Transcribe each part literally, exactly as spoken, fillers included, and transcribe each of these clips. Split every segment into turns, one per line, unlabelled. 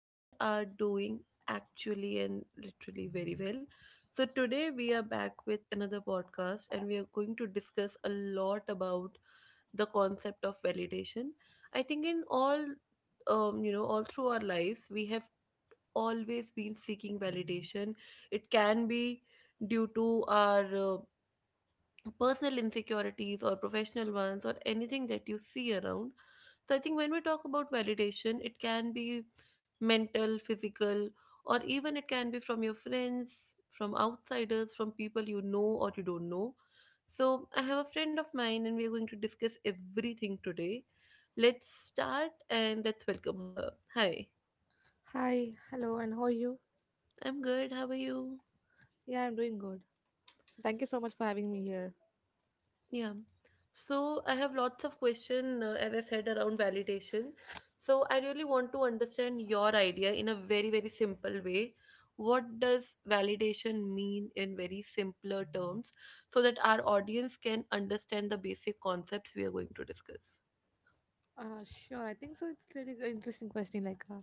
and are doing actually and literally very well. So, today we are back with another podcast and we are going to discuss a lot about the concept of validation. I think in all, um, you know, all through our lives, we have always been seeking validation. It can be due to our uh, personal insecurities or professional ones or anything that you see around. So I think when we talk about validation, it can be mental, physical, or even it can be from your friends, from outsiders, from people you know or you don't know. So I have a friend of mine and we are going to discuss everything today. Let's start and let's welcome her. Hi,
Hi, hello, and how are you?
I'm good. How are you?
Yeah, I'm doing good. So thank you so much for having me here.
Yeah. So I have lots of question, uh, as I said, around validation. So I really want to understand your idea in a very, very simple way. What does validation mean in very simpler terms so that our audience can understand the basic concepts we are going to discuss?
Uh, sure. I think so. It's really an interesting question. Like, uh,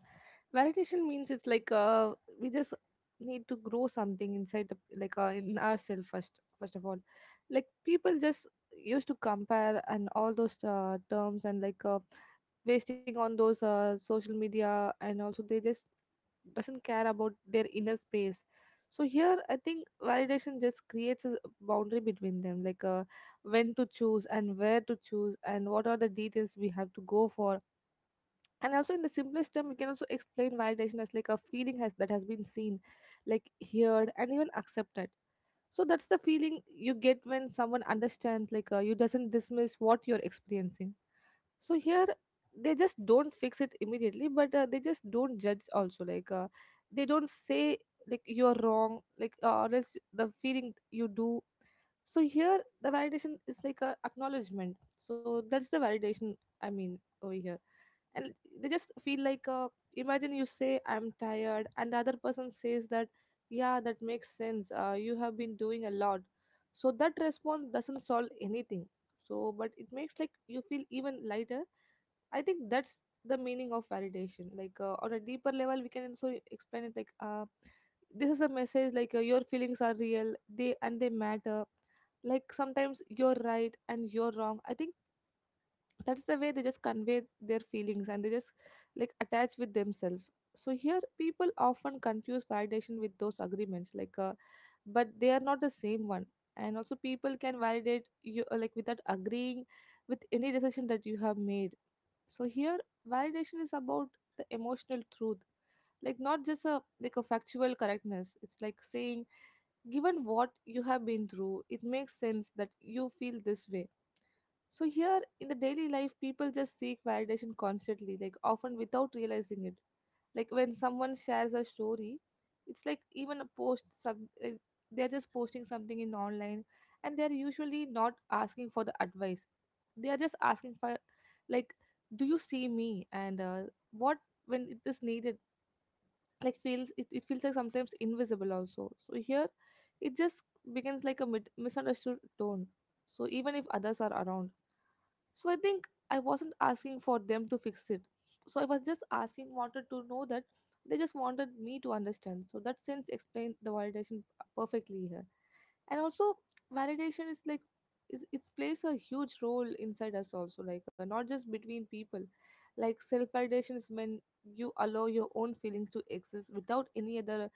Validation means it's like uh, we just need to grow something inside, the, like uh, in ourselves first. First of all, like people just used to compare and all those uh, terms, and like uh, wasting on those uh, social media, and also they just doesn't care about their inner space. So here I think validation just creates a boundary between them, like uh, when to choose and where to choose and what are the details we have to go for. And also, in the simplest term, we can also explain validation as like a feeling has that has been seen, like heard and even accepted. So that's the feeling you get when someone understands, like uh, you doesn't dismiss what you're experiencing. So here they just don't fix it immediately, but uh, they just don't judge also, like uh, they don't say like you're wrong, like uh, or else the feeling you do. So here the validation is like a acknowledgement. So that's the validation, I mean, over here. And they just feel like uh, imagine you say I'm tired and the other person says that, yeah, that makes sense, uh, you have been doing a lot. So that response doesn't solve anything, so but it makes like you feel even lighter. I think that's the meaning of validation. Like uh, on a deeper level, we can also explain it like uh, this is a message, like uh, your feelings are real, they and they matter. Like sometimes you're right and you're wrong. I think that's the way they just convey their feelings, and they just like attach with themselves. So here, people often confuse validation with those agreements, like uh, but they are not the same one. And also people can validate you uh, like without agreeing with any decision that you have made. So here, validation is about the emotional truth, like not just a like a factual correctness. It's like saying, given what you have been through, it makes sense that you feel this way. So here in the daily life, people just seek validation constantly, like often without realizing it. Like when someone shares a story, it's like even a post some like, they're just posting something in online, and they're usually not asking for the advice. They are just asking for like, do you see me? And uh, what when it is needed, like feels it, it feels like sometimes invisible also. So here, it just begins like a mid- misunderstood tone. So even if others are around. So I think I wasn't asking for them to fix it. So I was just asking, wanted to know that they just wanted me to understand. So that sense explained the validation perfectly here. And also, validation is like it, it plays a huge role inside us also, like uh, not just between people. Like self validation is when you allow your own feelings to exist without any other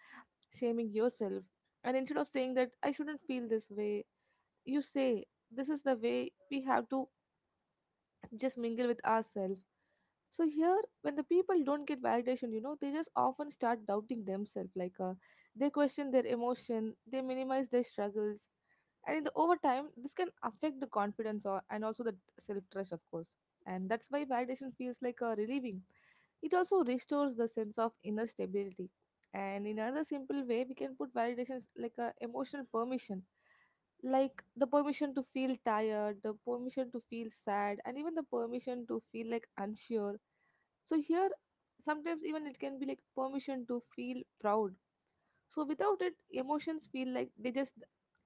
shaming yourself. And instead of saying that I shouldn't feel this way, you say this is the way we have to just mingle with ourselves. So here, when the people don't get validation, you know, they just often start doubting themselves. Like uh, they question their emotion, they minimize their struggles, and in the over time, this can affect the confidence or, and also the self trust, of course. And that's why validation feels like a relieving. It also restores the sense of inner stability. And in another simple way, we can put validation like a emotional permission, like the permission to feel tired, the permission to feel sad, and even the permission to feel like unsure. So here, sometimes even it can be like permission to feel proud. So without it, emotions feel like they just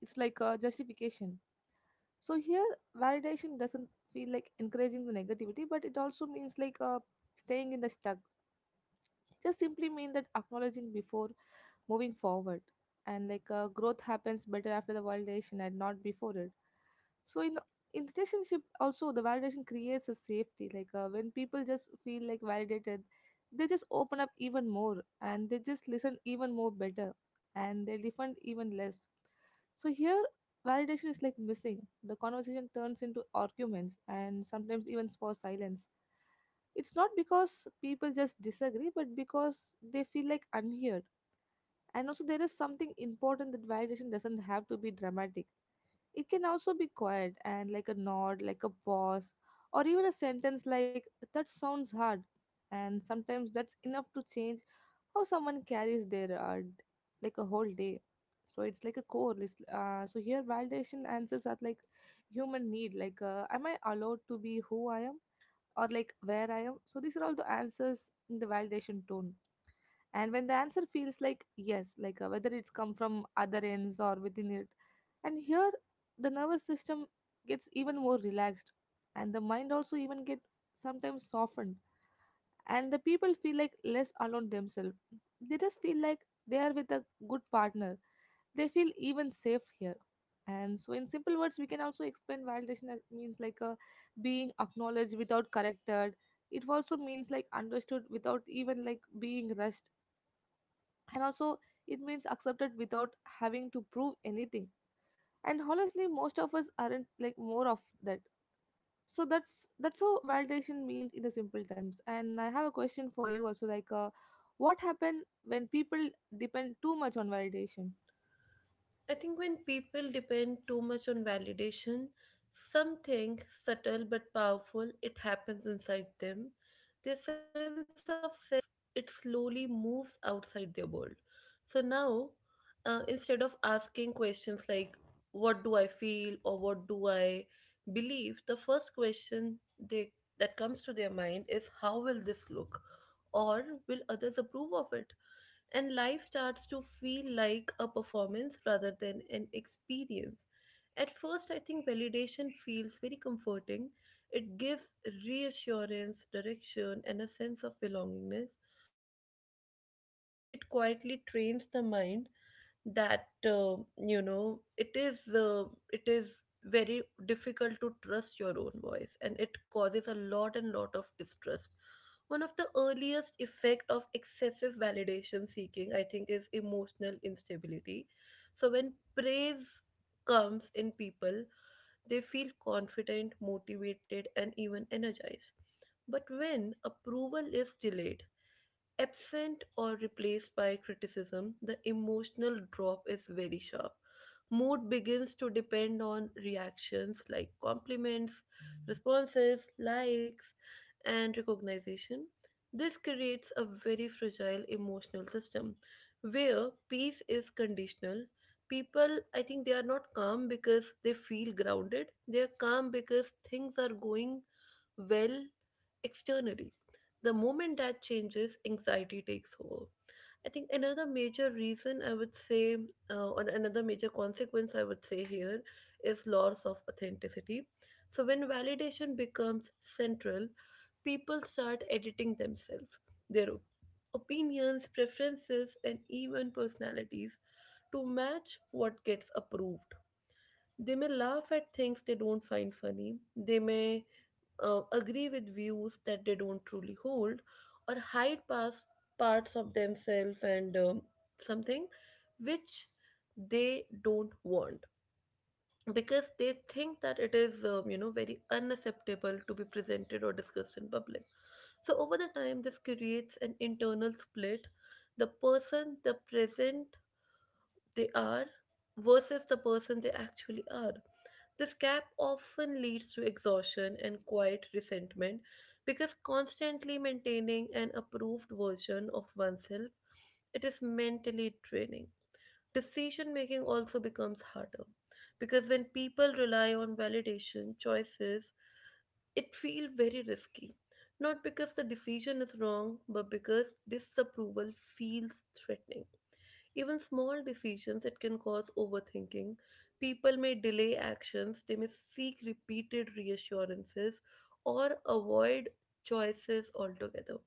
it's like a justification. So here, validation doesn't feel like encouraging the negativity, but it also means like uh, staying in the stuck. It just simply mean that acknowledging before moving forward, and like uh, growth happens better after the validation and not before it. So in in relationship also, the validation creates a safety, like uh, when people just feel like validated, they just open up even more, and they just listen even more better, and they defend even less. So here, validation is like missing the conversation turns into arguments and sometimes even for silence. It's not because people just disagree, but because they feel like unheard. And also there is something important, that validation doesn't have to be dramatic. It can also be quiet and like a nod, like a pause, or even a sentence like, that sounds hard. And sometimes that's enough to change how someone carries their uh, d- like a whole day. So it's like a core list. Uh, so here, validation answers are like human need, like, uh, am I allowed to be who I am? Or like, where I am? So these are all the answers in the validation tone. And when the answer feels like yes, like uh, whether it's come from other ends or within it. And here, the nervous system gets even more relaxed, and the mind also even get sometimes softened, and the people feel like less alone themselves. They just feel like they are with a good partner. They feel even safe here. And so, in simple words, we can also explain validation as means like a being acknowledged without corrected. It also means like understood without even like being rushed. And also, it means accepted without having to prove anything. And honestly, most of us aren't like more of that. So that's that's how validation means in the simple terms. And I have a question for you also, like uh, what happen when people depend too much on validation?
I think when people depend too much on validation, something subtle but powerful, it happens inside them. Their sense of self, it slowly moves outside their world. So now, uh, instead of asking questions like, what do I feel or what do I believe, the first question they that comes to their mind is how will this look or will others approve of it, and life starts to feel like a performance rather than an experience. At first, I think validation feels very comforting. It gives reassurance, direction, and a sense of belongingness. But over the time, I think it quietly trains the mind that uh, you know it is uh, it is very difficult to trust your own voice, and it causes a lot and lot of distrust. One of the earliest effect of excessive validation seeking, I think, is emotional instability. So when praise comes in, people, they feel confident, motivated, and even energized, but when approval is delayed, absent, or replaced by criticism, the emotional drop is very sharp. Mood begins to depend on reactions like compliments, responses, likes, and recognition. This creates a very fragile emotional system where peace is conditional. People, I think they are not calm because they feel grounded, they are calm because things are going well externally. The moment that changes, anxiety takes over. I think another major reason I would say, uh, or another major consequence I would say here, is loss of authenticity. So, when validation becomes central, people start editing themselves, their op- opinions, preferences, and even personalities to match what gets approved. They may laugh at things they don't find funny, they may uh, agree with views that they don't truly hold, or hide past parts of themselves and um, something which they don't want because they think that it is um, you know very unacceptable to be presented or discussed in public. So over the time, this creates an internal split. The person, the present they are versus the person they actually are. This gap often leads to exhaustion and quiet resentment because constantly maintaining an approved version of oneself, it is mentally draining. Decision making also becomes harder because when people rely on validation, choices, it feel very risky. Not because the decision is wrong, but because disapproval feels threatening. Even small decisions, it can cause overthinking. People may delay actions, they may seek repeated reassurances or avoid choices altogether.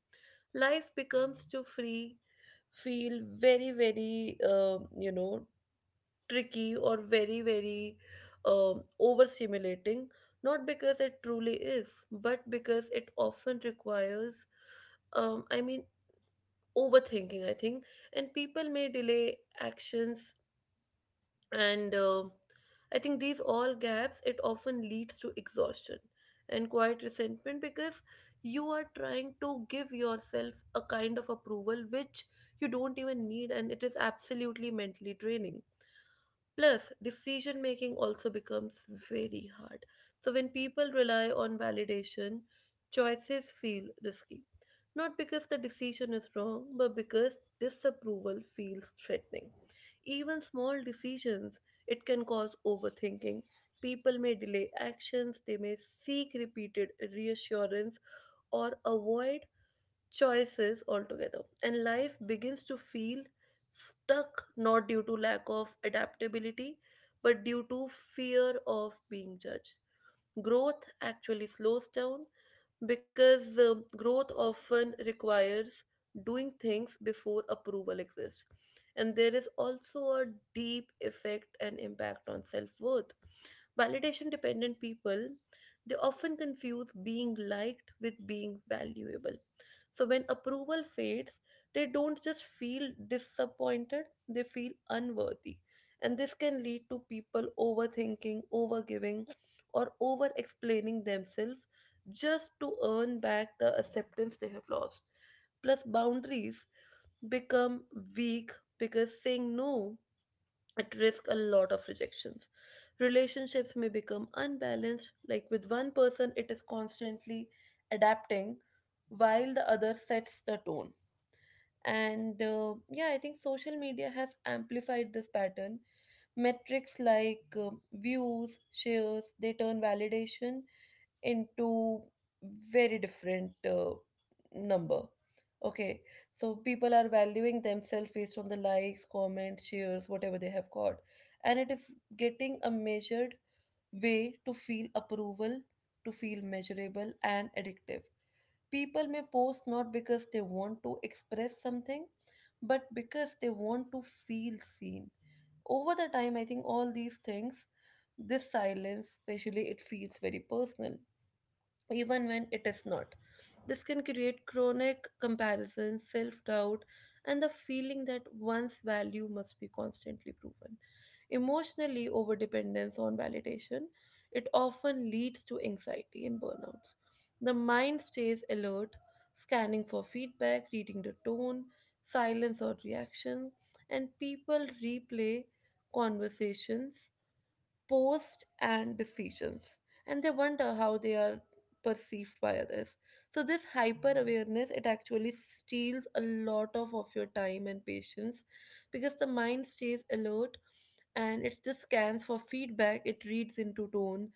Life becomes to free, feel very, very, um, you know, tricky or very, very, um, overstimulating, not because it truly is but because it often requires um, i mean overthinking, I think, and people may delay actions, and um I think these all gaps, it often leads to exhaustion and quiet resentment because you are trying to give yourself a kind of approval which you don't even need, and it is absolutely mentally draining. Plus, decision making also becomes very hard. So, when people rely on validation, choices feel risky. Not because the decision is wrong, but because disapproval feels threatening. Even small decisions, it can cause overthinking. People may delay actions, they may seek repeated reassurance, or avoid choices altogether. And life begins to feel stuck, not due to lack of adaptability, but due to fear of being judged. Growth actually slows down because um, growth often requires doing things before approval exists. And there is also a deep effect and impact on self worth. Validation dependent people, they often confuse being liked with being valuable, so when approval fades, they don't just feel disappointed, they feel unworthy. And this can lead to people overthinking, overgiving, or over explaining themselves just to earn back the acceptance they have lost. Plus, boundaries become weak because saying no at risk a lot of rejections. Relationships may become unbalanced, like with one person, it is constantly adapting while the other sets the tone. And uh, yeah, I think social media has amplified this pattern. Metrics like um views, shares, they turn validation into very different uh, number. Okay, so people are valuing themselves based on the likes, comments, shares, whatever they have got, and it is getting a measured way to feel approval, to feel measurable and addictive. People may post not because they want to express something but because they want to feel seen. Over the time, I think all these things, this silence especially, it feels very personal even when it is not. This can create chronic comparison, self doubt, and the feeling that one's value must be constantly proven. Emotionally, overdependence on validation, it often leads to anxiety and burnouts. The mind stays alert, scanning for feedback, reading the tone, silence, or reaction, and people replay conversations, posts, and decisions, and they wonder how they are perceived by others. So this hyper awareness, it actually steals a lot of, of your time and patience because the mind stays alert and it just scans for feedback, it reads into tone,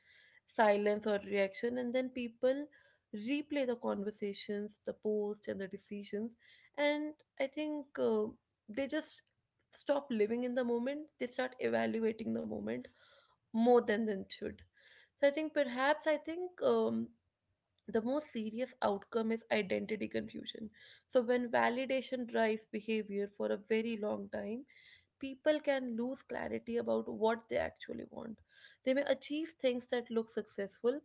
silence, or reaction, and then people replay the conversations, the posts, and the decisions, and I think uh, they just stop living in the moment, they start evaluating the moment more than than should. So I think perhaps I think, um, the most serious outcome is identity confusion. So when validation drives behavior for a very long time, people can lose clarity about what they actually want. They may achieve things that look successful,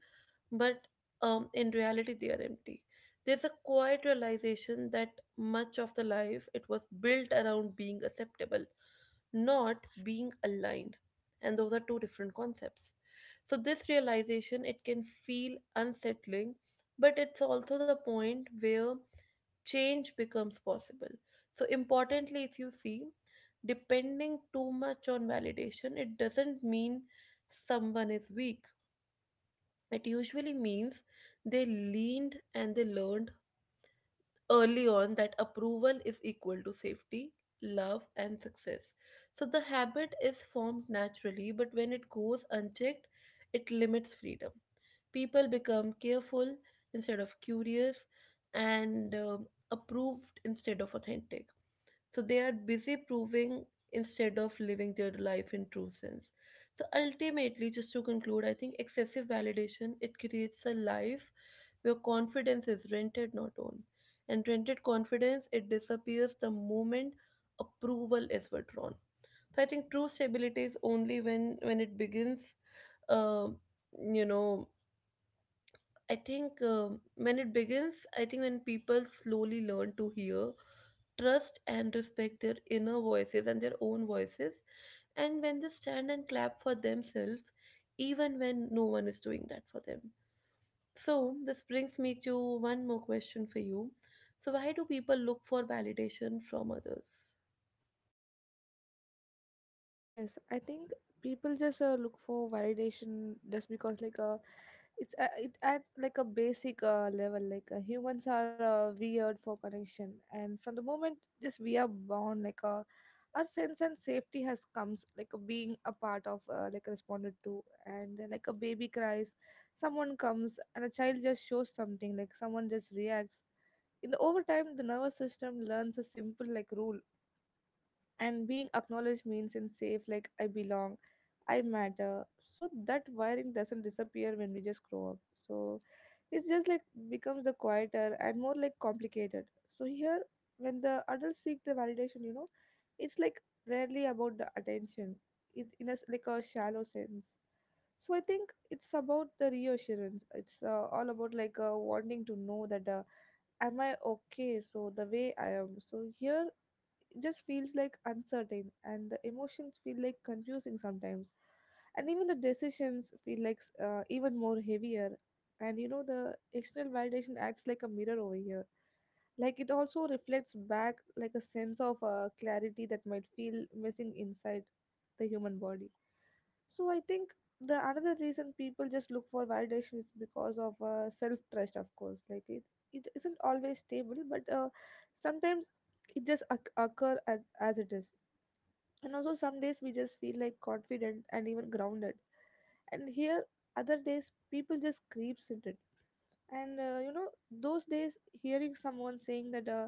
but um, in reality, they are empty. There's a quiet realization that much of the life, it was built around being acceptable, not being aligned, and those are two different concepts. So this realization, it can feel unsettling, but it's also the point where change becomes possible. So importantly, if you see, depending too much on validation, it doesn't mean someone is weak. It usually means they leaned and they learned early on that approval is equal to safety, love, and success. So the habit is formed naturally, but when it goes unchecked, it limits freedom. People become careful instead of curious, and um approved instead of authentic. So they are busy proving instead of living their life in true sense. So ultimately, just to conclude, I think excessive validation, it creates a life where confidence is rented, not owned. And rented confidence, it disappears the moment approval is withdrawn. So I think true stability is only when when it begins, um, you know, I think um, when it begins, I think when people slowly learn to hear, trust, and respect their inner voices and their own voices, and when they stand and clap for themselves, even when no one is doing that for them. So, this brings me to one more question for you. So, why do people look for validation from others?
Yes, I think people just uh, look for validation just because like uh, it's uh, it at like a basic uh, level, like uh, humans are uh, weird for connection, and from the moment just we are born, like uh, our sense and safety has comes like uh, being a part of uh, like responded to, and uh, like a baby cries, someone comes, and a child just shows something, like someone just reacts. In the overtime, the nervous system learns a simple like rule, and being acknowledged means in safe, like I belong, I matter. So that wiring doesn't disappear when we just grow up, so it's just like becomes the quieter and more like complicated. So here, when the adults seek the validation, you know, it's like rarely about the attention, it in a s- like a shallow sense. So I think it's about the reassurance. It's uh, All about like uh, wanting to know that uh, am I okay, so the way I am. So here, it just feels like uncertain, and the emotions feel like confusing sometimes, and even the decisions feel like s- uh, even more heavier. And you know, the external validation acts like a mirror over here, like it also reflects back like a sense of uh, clarity that might feel missing inside the human body. So I think the another reason people just look for validation is because of uh, self trust, of course. Like it, it isn't always stable, but uh, sometimes it just oc- occur as, as it is. And also some days we just feel like confident and even grounded, and here other days people just creeps into it. And uh, you know, those days hearing someone saying that uh,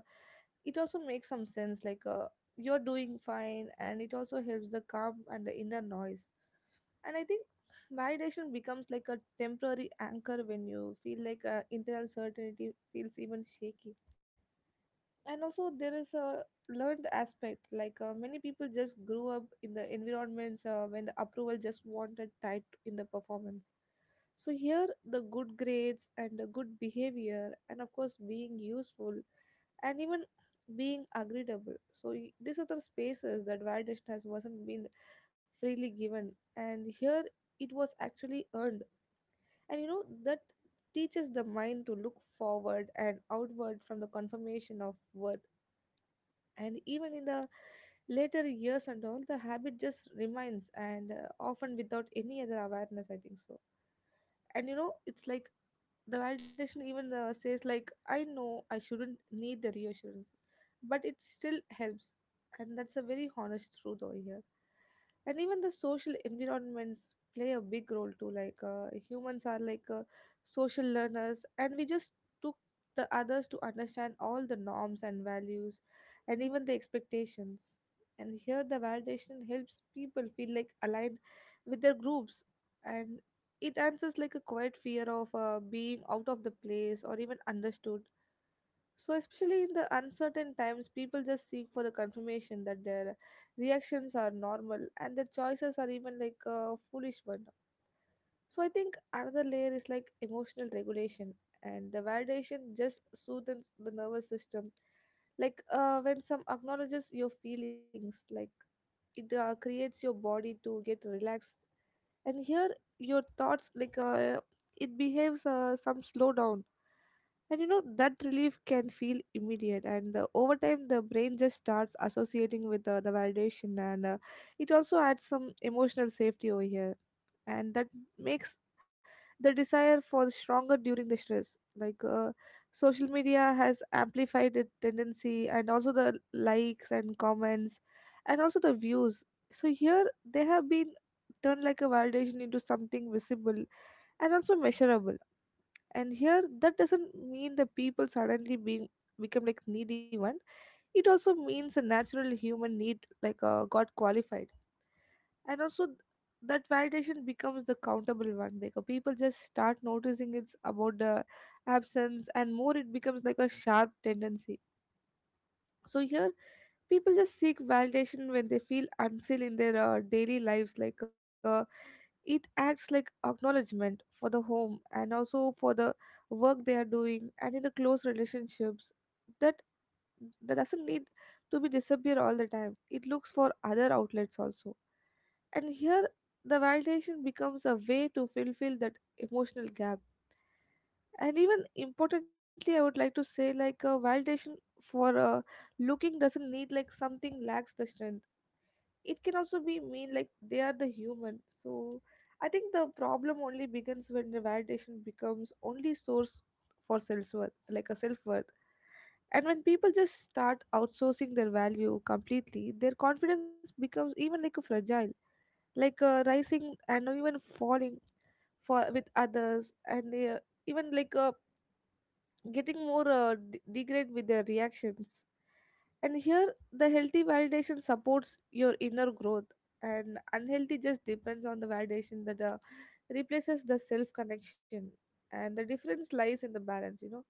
it also makes some sense, like uh, you're doing fine, and it also helps the calm and the inner noise. And I think validation becomes like a temporary anchor when you feel like uh, internal certainty feels even shaky. And also there is a learned aspect, like uh, many people just grew up in the environments uh, when the approval just wanted typed in the performance. So here, the good grades and the good behavior, and of course being useful and even being agreeable. So y- these are the spaces that validation has wasn't been freely given, and here it was actually earned. And you know that teaches the mind to look forward and outward from the confirmation of worth. And even in the later years and all, the habit just remains and uh, often without any other awareness, I think so. And you know, it's like the validation even uh, says like, I know I shouldn't need the reassurance, but it still helps. And that's a very honest truth over here. And even the social environments play a big role too, like uh, humans are like uh, social learners, and we just took the others to understand all the norms and values and even the expectations. And here, the validation helps people feel like aligned with their groups. And it answers like a quiet fear of uh, being out of the place or even understood. So, especially in the uncertain times, people just seek for the confirmation that their reactions are normal and their choices are even like a foolish one. So, I think another layer is like emotional regulation, and the validation just soothes the nervous system. Like uh, when some acknowledges your feelings, like it uh, creates your body to get relaxed, and here your thoughts like uh, it behaves uh, some slowdown. And you know, that relief can feel immediate, and uh, over time, the brain just starts associating with uh, the validation, and uh, it also adds some emotional safety over here. And that makes the desire for stronger during the stress. Like, uh, social media has amplified the tendency, and also the likes and comments, and also the views. So, here they have been turned like a validation into something visible and also measurable. And here, that doesn't mean the people suddenly being become like needy one. It also means a natural human need like uh, got qualified. And also th- that validation becomes the countable one, like uh, people just start noticing it's about the absence, and more it becomes like a sharp tendency. So here, people just seek validation when they feel unseen in their uh, daily lives, like uh, it acts like acknowledgement for the home and also for the work they are doing, and in the close relationships. That, that doesn't need to be disappear all the time, it looks for other outlets also. And here, the validation becomes a way to fulfill that emotional gap. And even importantly, I would like to say like a validation for uh, looking doesn't need like something lacks the strength. It can also be mean like they are the human. So I think the problem only begins when the validation becomes only source for self-worth, like a self-worth. And when people just start outsourcing their value completely, their confidence becomes even like a fragile, like a rising and even falling for with others, and uh, even like a getting more uh, d- degrade with their reactions. And here, the healthy validation supports your inner growth, and unhealthy just depends on the validation that uh, replaces the self connection. And the difference lies in the balance, you know.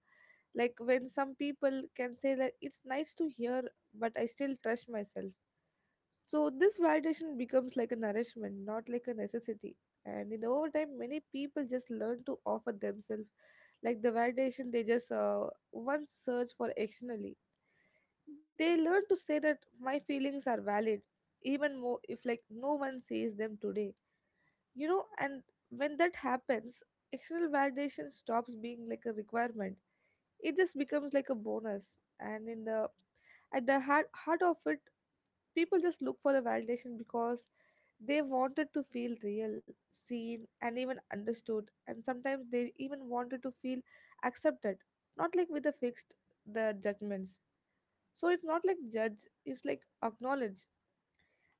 Like when some people can say that, it's nice to hear, but I still trust myself. So this validation becomes like a nourishment, not like a necessity. And in the overtime, many people just learn to offer themselves, like the validation they just uh, once search for externally. They learn to say that my feelings are valid, even more if like no one sees them today. You know, and when that happens, external validation stops being like a requirement. It just becomes like a bonus. And in the at the heart, heart of it, people just look for the validation because they wanted to feel real, seen, and even understood. And sometimes they even wanted to feel accepted, not like with the fixed the judgments. So it's not like judge, it's like acknowledge.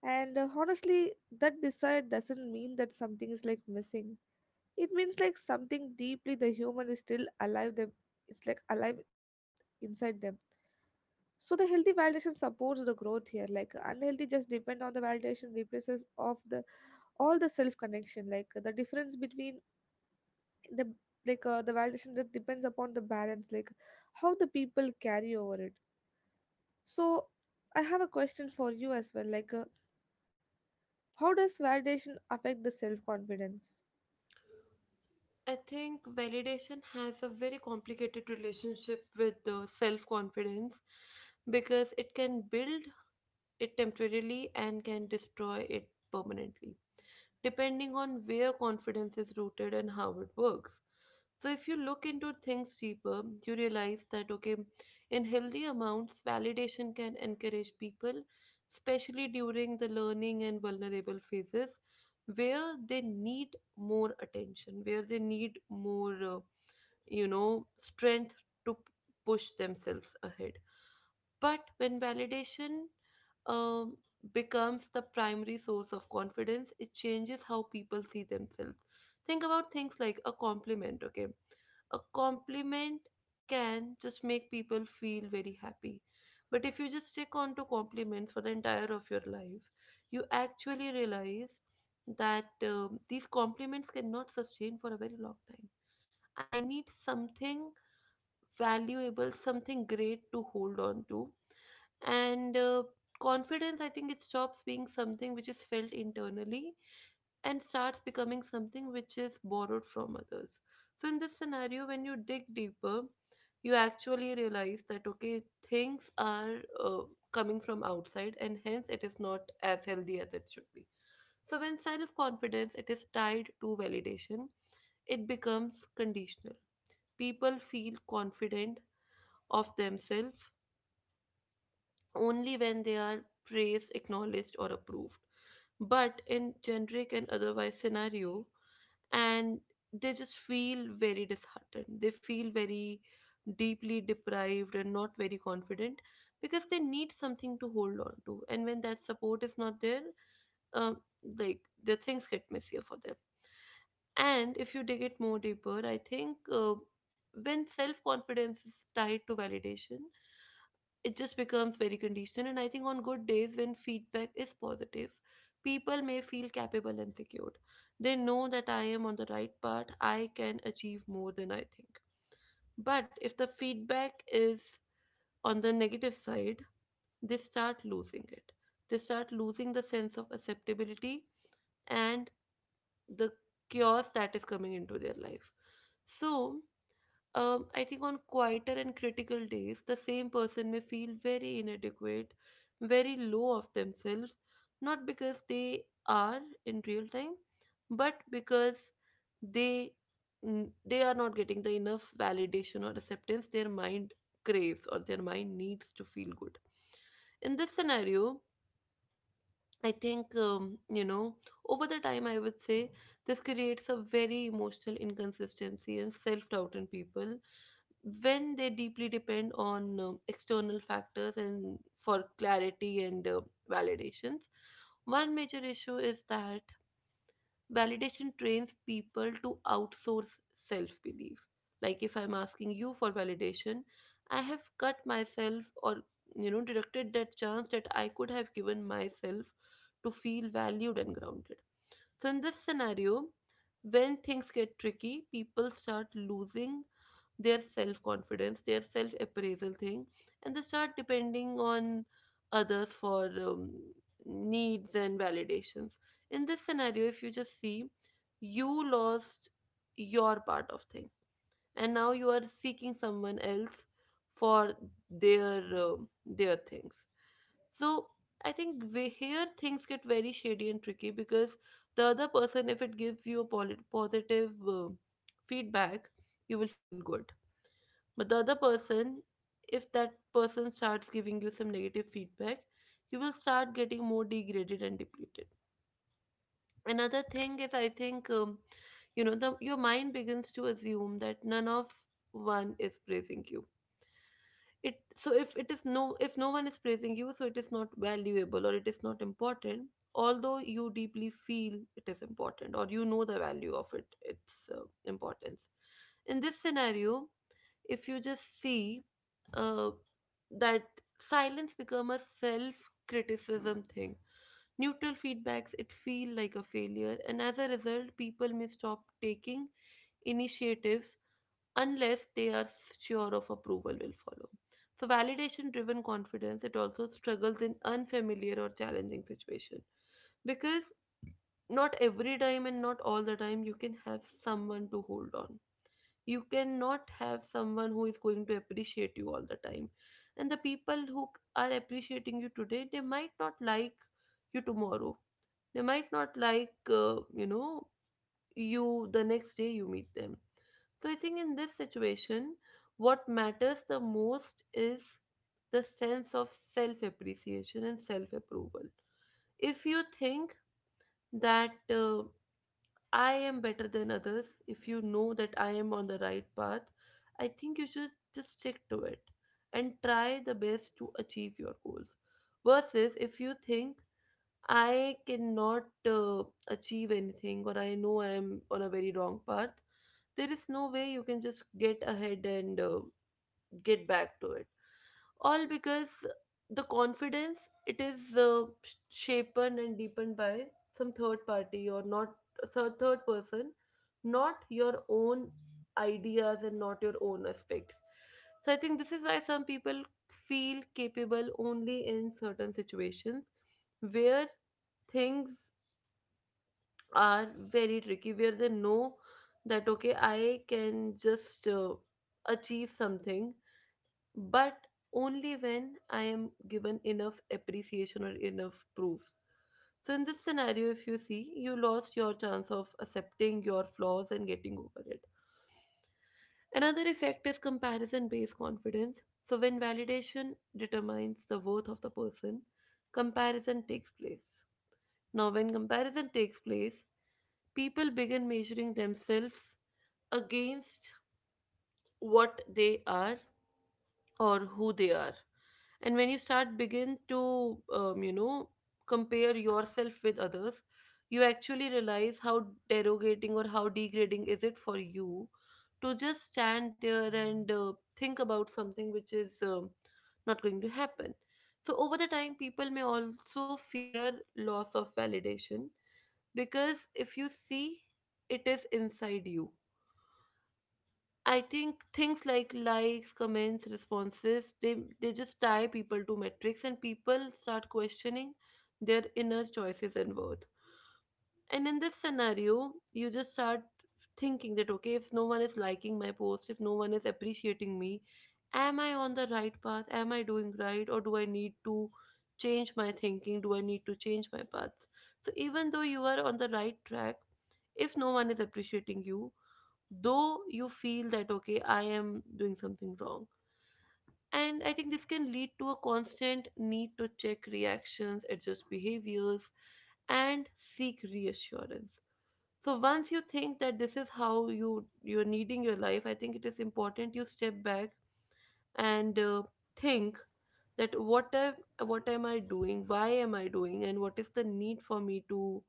And uh, honestly, that desire doesn't mean that something is like missing. It means like something deeply the human is still alive. Them, it's like alive inside them. So the healthy validation supports the growth here. Like unhealthy just depend on the validation replaces of the all the self connection. Like the difference between the, like uh, the validation that depends upon the balance, like how the people carry over it. So I have a question for you as well. Like uh, how does validation affect the self confidence?
I think validation has a very complicated relationship with the self confidence because it can build it temporarily and can destroy it permanently, depending on where confidence is rooted and how it works. So, if you look into things deeper, you realize that okay, in healthy amounts, validation can encourage people, especially during the learning and vulnerable phases, where they need more attention, where they need more, uh, you know, strength to p- push themselves ahead. But when validation um, becomes the primary source of confidence, it changes how people see themselves. Think about things like a compliment, okay? A compliment can just make people feel very happy. But if you just stick on to compliments for the entire of your life, you actually realize that um, these compliments cannot sustain for a very long time. I need something valuable, something great to hold on to, and uh, confidence, I think it stops being something which is felt internally and starts becoming something which is borrowed from others. So in this scenario, when you dig deeper, you actually realize that, okay, things are uh, coming from outside, and hence it is not as healthy as it should be. So when self confidence, it is tied to validation, it becomes conditional. People feel confident of themselves only when they are praised, acknowledged, or approved. But in generic and otherwise scenario, and they just feel very disheartened. They feel very deeply deprived and not very confident because they need something to hold on to. And when that support is not there, uh, like, the things get messier for them. And if you dig it more deeper, I think, uh, when self confidence is tied to validation, it just becomes very conditional. And I think on good days, when feedback is positive, people may feel capable and secured. They know that I am on the right path, I can achieve more than I think. But if the feedback is on the negative side, they start losing it. They start losing the sense of acceptability, and the chaos that is coming into their life. So um, I think on quieter and critical days, the same person may feel very inadequate, very low of themselves, not because they are in real time, but because they n- they are not getting the enough validation or acceptance their mind craves, or their mind needs to feel good. In this scenario, I think, um, you know, over the time, I would say this creates a very emotional inconsistency and self doubt in people when they deeply depend on um, external factors and for clarity and uh, validations. One major issue is that validation trains people to outsource self belief. Like, if I'm asking you for validation, I have cut myself, or, you know, directed that chance that I could have given myself to feel valued and grounded. So in this scenario, when things get tricky, people start losing their self confidence, their self appraisal thing, and they start depending on others for um, needs and validations. In this scenario, if you just see, you lost your part of thing, and now you are seeking someone else for their um their things. So I think we, here things get very shady and tricky because the other person, if it gives you a polit- positive uh, feedback, you will feel good. But the other person, if that person starts giving you some negative feedback, you will start getting more degraded and depleted. Another thing is, I think, um, you know, the, your mind begins to assume that none of one is praising you. It, so if it is, no, if no one is praising you, so it is not valuable or it is not important. Although you deeply feel it is important, or you know the value of it, its uh, importance. In this scenario, if you just see uh, that silence become a self criticism thing, neutral feedbacks, it feel like a failure, and as a result, people may stop taking initiatives unless they are sure of approval will follow. So validation driven confidence, it also struggles in unfamiliar or challenging situation, because not every time and not all the time you can have someone to hold on. You cannot have someone who is going to appreciate you all the time, and the people who c- are appreciating you today, they might not like you tomorrow. They might not like, uh, you know you, the next day you meet them. So I think in this situation, what matters the most is the sense of self appreciation and self approval. If you think that, uh, I am better than others, if you know that I am on the right path, I think you should just stick to it and try the best to achieve your goals. Versus if you think I cannot uh, achieve anything, or I know I am on a very wrong path, there is no way you can just get ahead and uh, get back to it, all because the confidence, it is uh, sh- shaped and deepened by some third party or not. So third person, not your own ideas and not your own aspects. So I think this is why some people feel capable only in certain situations, where things are very tricky, where they know that, okay, I can just uh, achieve something, but only when I am given enough appreciation or enough proof. So, in this scenario, if you see, you lost your chance of accepting your flaws and getting over it. Another effect is comparison based confidence. So, when validation determines the worth of the person, comparison takes place. Now, when comparison takes place, people begin measuring themselves against what they are or who they are. And when you start begin to, um, you know compare yourself with others, you actually realize how derogating or how degrading is it for you to just stand there and uh, think about something which is um, not going to happen. So over the time, people may also fear loss of validation because if you see, it is inside you. I think things like likes, comments, responses, they they just tie people to metrics, and people start questioning their inner choices and worth. And in this scenario, you just start thinking that, okay, if no one is liking my post, if no one is appreciating me, am I on the right path? Am I doing right, or do I need to change my thinking? Do I need to change my paths? So even though you are on the right track, if no one is appreciating you, though you feel that, okay, I am doing something wrong. And I think this can lead to a constant need to check reactions, adjust behaviors, and seek reassurance. So once you think that this is how you you're needing your life, I think it is important you step back and uh, think that, what am, what am I doing, why am I doing, and what is the need for me to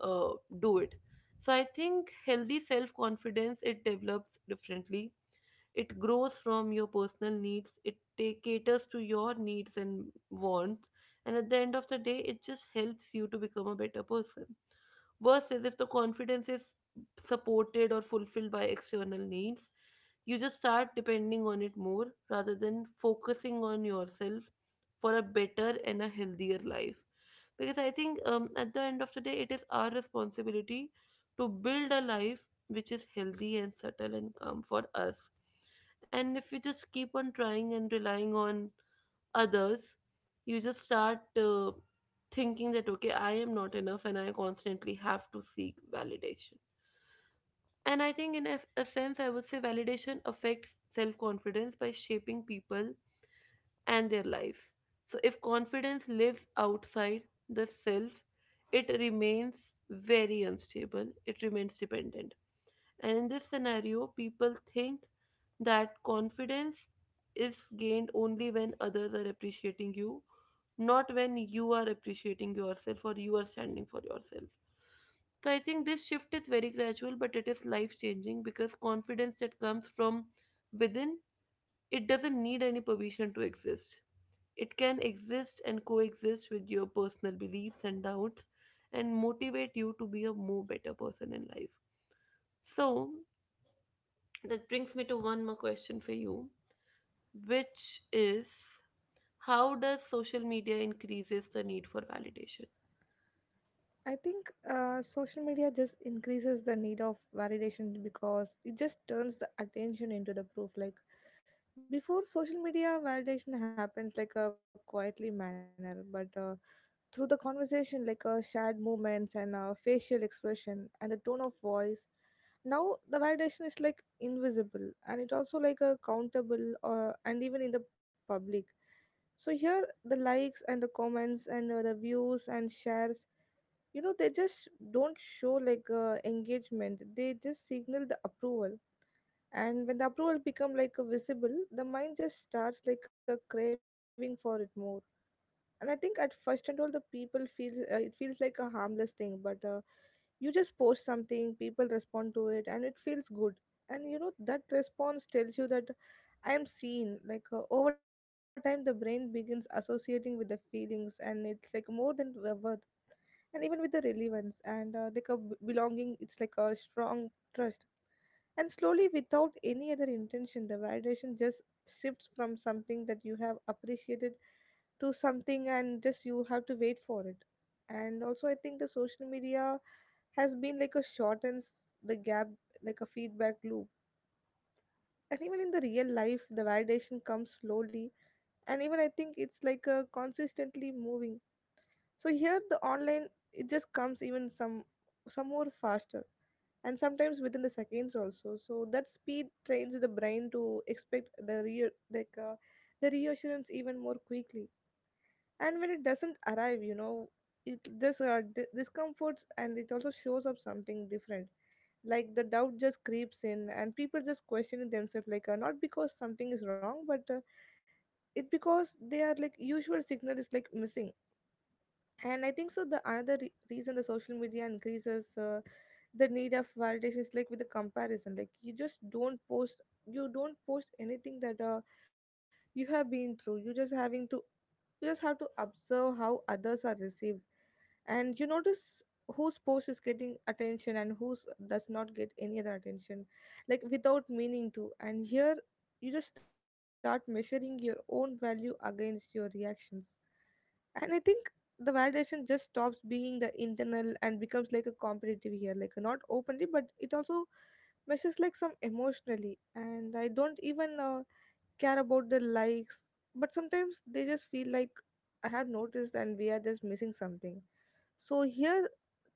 uh, do it. So I think healthy self confidence, it develops differently. It grows from your personal needs, it take, caters to your needs and wants, and at the end of the day, it just helps you to become a better person. Versus if the confidence is supported or fulfilled by external needs, you just start depending on it more rather than focusing on yourself for a better and a healthier life. Because I think, um, at the end of the day, it is our responsibility to build a life which is healthy and subtle and calm for us. And if you just keep on trying and relying on others, you just start uh, thinking that, okay, I am not enough, and I constantly have to seek validation. And I think in a, a sense, I would say, validation affects self-confidence by shaping people and their lives. So if confidence lives outside the self, it remains very unstable, it remains dependent. And in this scenario, people think that confidence is gained only when others are appreciating you, not when you are appreciating yourself or you are standing for yourself. So I think this shift is very gradual, but it is life changing because confidence that comes from within, it doesn't need any permission to exist. It can exist and coexist with your personal beliefs and doubts and motivate you to be a more better person in life. So that brings me to one more question for you, which is, how does social media increases the need for validation?
I think uh, social media just increases the need of validation because it just turns the attention into the proof. Like before, social media validation happens like a quietly manner, but uh, through the conversation, like uh, shared movements and uh, facial expression and the tone of voice. Now the validation is like invisible, and it also like a countable uh, and even in the public. So here, the likes and the comments and uh, the views and shares, you know, they just don't show like uh, engagement, they just signal the approval. And when the approval become like a visible, the mind just starts like a craving for it more. And I think at first and all, the people feels uh, it feels like a harmless thing, but uh, you just post something, people respond to it, and it feels good. And you know, that response tells you that I am seen. Like uh, over time, the brain begins associating with the feelings, and it's like more than worth and even with the relevance and uh, like a b- belonging, it's like a strong trust. And slowly, without any other intention, the validation just shifts from something that you have appreciated to something and just you have to wait for it. And also I think the social media has been like a shortens the gap like a feedback loop. And even in the real life, the validation comes slowly, and even I think it's like a consistently moving. So here the online, it just comes even some some more faster, and sometimes within the seconds also. So that speed trains the brain to expect the real like uh, the reassurance even more quickly. And when it doesn't arrive, you know, it just uh, d- discomforts, and it also shows up something different. Like the doubt just creeps in, and people just questioning themselves, like uh, not because something is wrong, but uh, it because they are like usual signal is like missing. And I think so, the another re- reason the social media increases uh, the need of validation is like with the comparison. Like you just don't post you don't post anything that uh, you have been through, you just having to you just have to observe how others are received. And you notice whose post is getting attention and whose does not get any other attention, like without meaning to. And here you just start measuring your own value against your reactions. And I think the validation just stops being the internal and becomes like a competitive here, like not openly, but it also measures like some emotionally. And I don't even uh, care about the likes, but sometimes they just feel like I have noticed and we are just missing something. So here,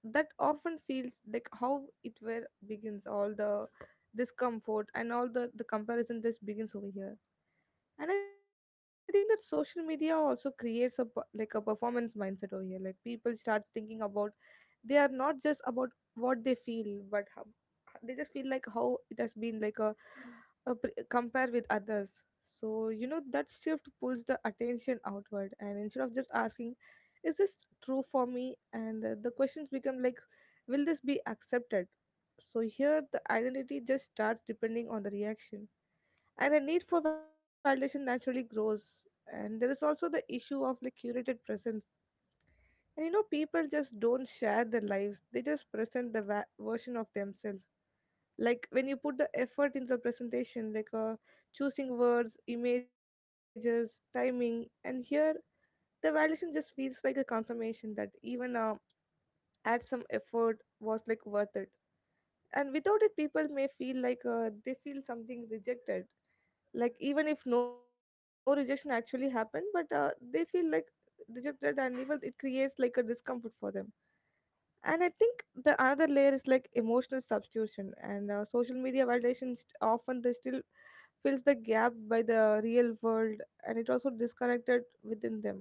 that often feels like how it where begins all the discomfort, and all the the comparison just begins over here. And I think that social media also creates a per- like a performance mindset over here. Like people starts thinking about, they are not just about what they feel, but how they just feel, like how it has been like a, a pre- compare with others. So you know, that shift pulls the attention outward, and instead of just asking, is this true for me? And uh, the questions become like, will this be accepted? So here, the identity just starts depending on the reaction, and the need for validation naturally grows. And there is also the issue of like curated presence. And you know, people just don't share their lives, they just present the va- version of themselves. Like when you put the effort into the presentation, like uh, choosing words, images, timing, and here the validation just feels like a confirmation that even uh, add some effort was like worth it. And without it, people may feel like uh, they feel something rejected. Like even if no rejection actually happened, but uh, they feel like rejected, and even it creates like a discomfort for them. And I think the another layer is like emotional substitution and uh, social media validation st- often they still fills the gap by the real world, and it also disconnected within them.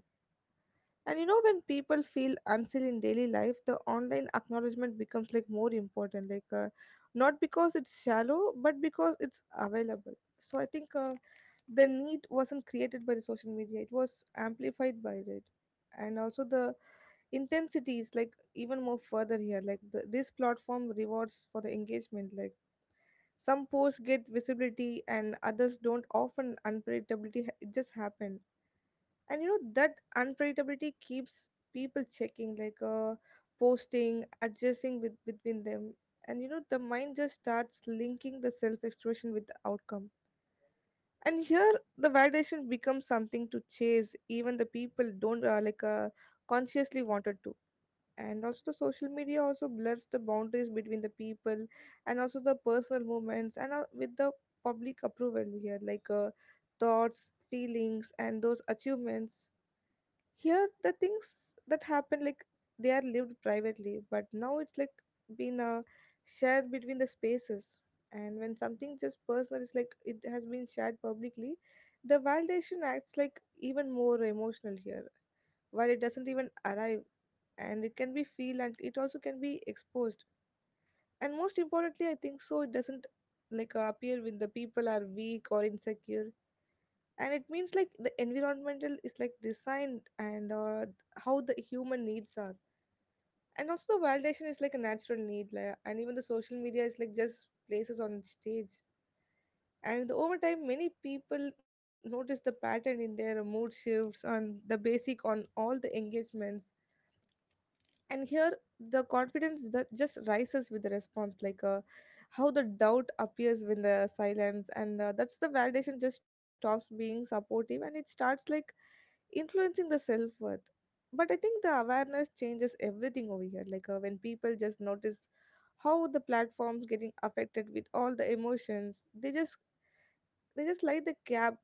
And you know, when people feel unseen in daily life, the online acknowledgement becomes like more important, like uh, not because it's shallow but because it's available. So I think uh, the need wasn't created by the social media, it was amplified by it. And also the intensity is like even more further here, like the, this platform rewards for the engagement. Like some posts get visibility and others don't, often unpredictability ha- it just happened. And you know, that unpredictability keeps people checking, like uh posting, adjusting with between them. And you know, the mind just starts linking the self expression with the outcome. And here the validation becomes something to chase, even the people don't uh, like uh, consciously wanted to. And also the social media also blurs the boundaries between the people and also the personal moments, and uh, with the public approval here, like uh, thoughts, feelings, and those achievements. Here the things that happen, like they are lived privately but now it's like been uh, shared between the spaces. And when something just personal is, like it has been shared publicly, the validation acts like even more emotional here, while it doesn't even arrive, and it can be feel, and it also can be exposed. And most importantly, I think so it doesn't like uh, appear when the people are weak or insecure. And it means like the environmental is like designed, and uh, how the human needs are. And also the validation is like a natural need, like, and even the social media is like just places on stage. And over time, many people notice the pattern in their mood shifts and the basic on all the engagements. And here the confidence that just rises with the response, like uh, how the doubt appears when the silence, and uh, that's the validation just stops being supportive, and it starts like influencing the self-worth. But I think the awareness changes everything over here, like uh, when people just notice how the platforms getting affected with all the emotions, they just they just like the gap,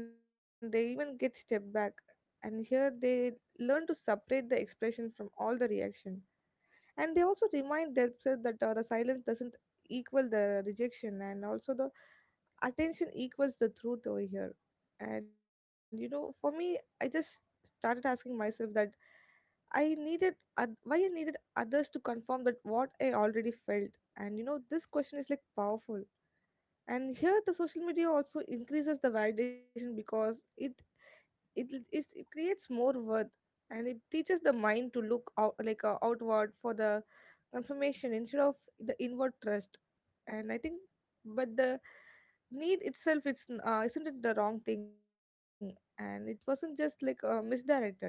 and they even get step back. And here they learn to separate the expression from all the reaction. And they also remind themselves that uh, the silence doesn't equal the rejection, and also the attention equals the truth over here. And you know, for me, I just started asking myself that I needed, oth- why I needed others to confirm that what I already felt. And you know, this question is like powerful. And here the social media also increases the validation because it it l- is it creates more worth. And it teaches the mind to look out, like uh, outward for the confirmation instead of the inward trust. And I think, but the need itself, it's n- uh, isn't it the wrong thing, and it wasn't just like uh, misdirected.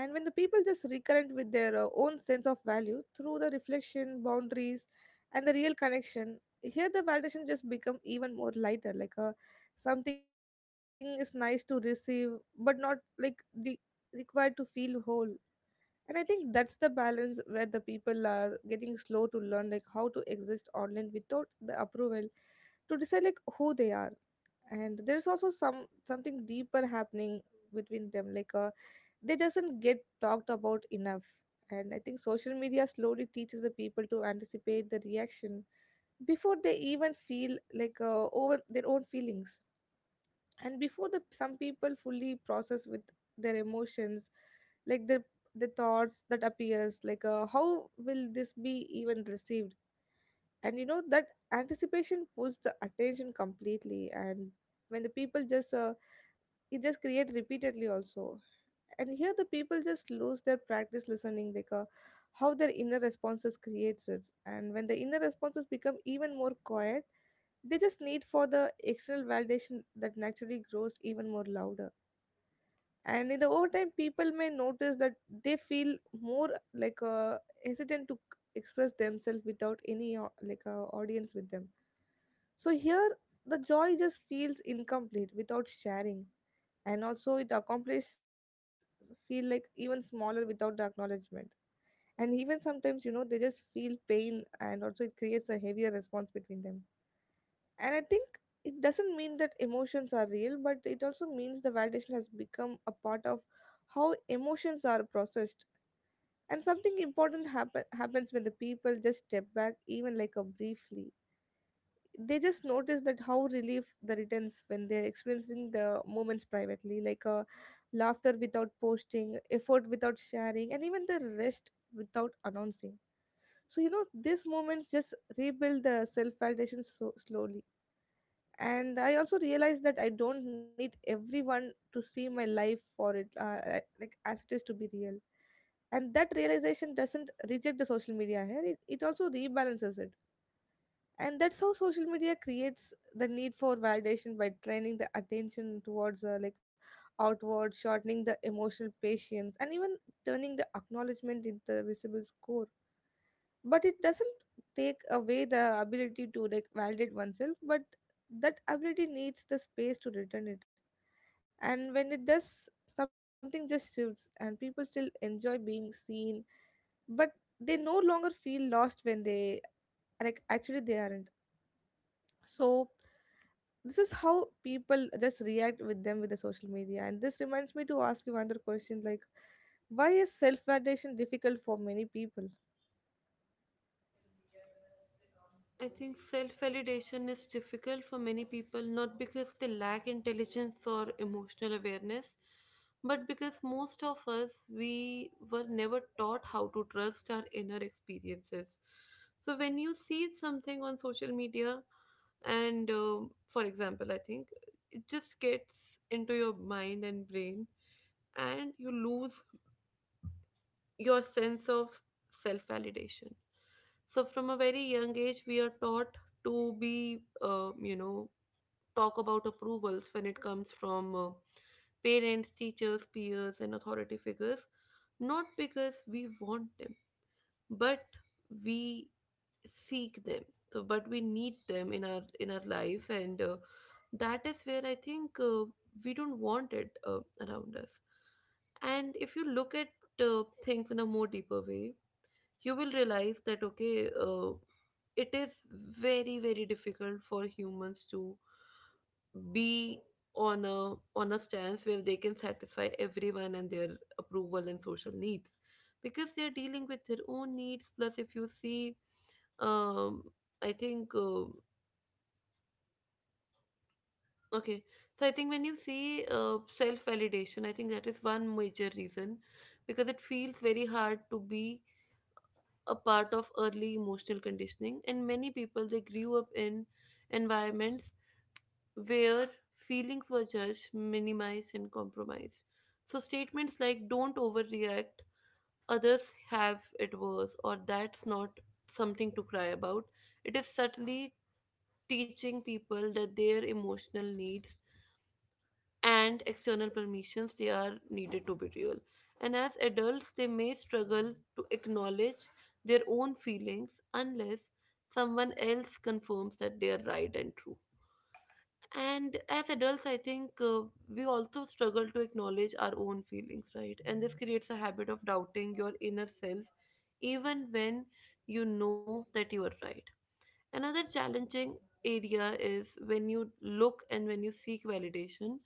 And when the people just recurrent with their uh, own sense of value through the reflection, boundaries, and the real connection, here the validation just become even more lighter. Like uh, something is nice to receive, but not like re- required to feel whole. And I think that's the balance where the people are getting slow to learn, like how to exist online without the approval to decide like who they are. And there's also some something deeper happening between them, like uh, they doesn't get talked about enough. And I think social media slowly teaches the people to anticipate the reaction before they even feel like uh, over their own feelings, and before the some people fully process with their emotions, like the the thoughts that appears, like uh, how will this be even received. And you know that anticipation pulls the attention completely, and when the people just uh, it just create repeatedly also. And here the people just lose their practice listening, like uh, how their inner responses creates it. And when the inner responses become even more quiet, they just need for the external validation that naturally grows even more louder. And in the overtime, people may notice that they feel more like uh, hesitant to c- express themselves without any au- like uh, audience with them. So here the joy just feels incomplete without sharing, and also it accomplished feel like even smaller without the acknowledgement. And even sometimes, you know, they just feel pain, and also it creates a heavier response between them. And I think it doesn't mean that emotions are real, but it also means the validation has become a part of how emotions are processed. And something important happen- happens when the people just step back, even like a briefly. They just notice that how relief the returns when they're experiencing the moments privately, like a laughter without posting, effort without sharing, and even the rest without announcing. So you know, these moments just rebuild the self validation so slowly. And I also realized that I don't need everyone to see my life for it uh, uh, like as it is to be real. And that realization doesn't reject the social media here, it, it also rebalances it. And that's how social media creates the need for validation by training the attention towards uh, like outward, shortening the emotional patience, and even turning the acknowledgement into the visible score. But it doesn't take away the ability to like validate oneself, but that ability needs the space to return it. And when it does, something just shifts, and people still enjoy being seen, but they no longer feel lost when they like actually they aren't. So this is how people just react with them with the social media, and this reminds me to ask you another question, like why is self validation difficult for many people?
I think self validation is difficult for many people, not because they lack intelligence or emotional awareness, but because most of us, we were never taught how to trust our inner experiences. So, when you see something on social media, and um for example, I think it just gets into your mind and brain, and you lose your sense of self validation. So, from a very young age, we are taught to be, uh, you know, talk about approvals when it comes from uh, parents, teachers, peers, and authority figures, not because we want them, but we seek them. So, but we need them in our in our life, and uh, that is where I think uh, we don't want it uh, around us. And if you look at uh, things in a more deeper way, you will realize that, okay, uh, it is very very difficult for humans to be on a on a stance where they can satisfy everyone and their approval and social needs, because they are dealing with their own needs. Plus, if you see, um I think uh, okay so I think when you see uh, self validation, I think that is one major reason, because it feels very hard to be a part of early emotional conditioning, and many people, they grew up in environments where feelings were judged, minimized, and compromised. So statements like "Don't overreact," others have it worse, or "That's not something to cry about." It is subtly teaching people that their emotional needs and external permissions they are needed to be real. And as adults, they may struggle to acknowledge their own feelings unless someone else confirms that they are right and true. And as adults, I think uh, we also struggle to acknowledge our own feelings, right? And this creates a habit of doubting your inner self, even when you know that you are right. Another challenging area is when you look and when you seek validation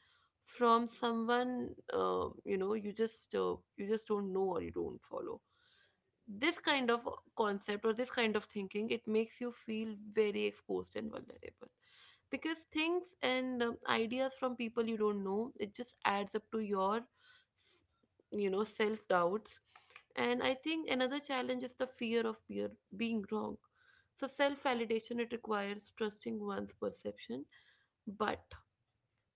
from someone, uh, you know you just, uh, you just don't know or you don't follow. This kind of concept or this kind of thinking it makes you feel very exposed and vulnerable because things and um, ideas from people you don't know it just adds up to your s- you know self doubts. And I think another challenge is the fear of beer, being wrong. So self validation it requires trusting one's perception, but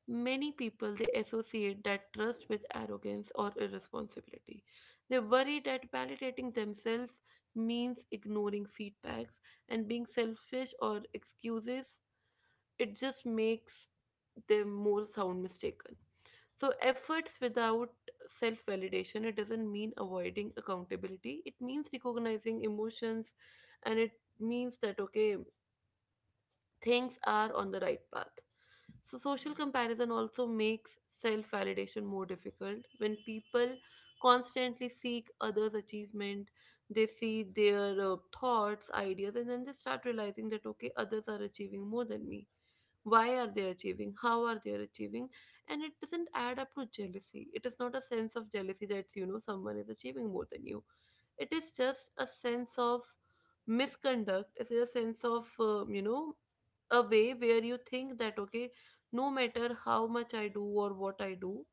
many people they associate that trust with arrogance or irresponsibility. They worry that validating themselves means ignoring feedbacks and being selfish or excuses. It just makes them more sound mistaken. So, efforts without self validation, it doesn't mean avoiding accountability. It means recognizing emotions and it means that, okay, things are on the right path. So, social comparison also makes self validation more difficult. When people constantly seek others' achievement, they see their uh, thoughts, ideas, and then they start realizing that, okay, others are achieving more than me. Why are they achieving? How are they achieving? And it doesn't add up to jealousy. It is not a sense of jealousy that, you know, someone is achieving more than you. It is just a sense of misconduct. It is a sense of, uh, you know, a way where you think that, okay, no matter how much I do or what I do,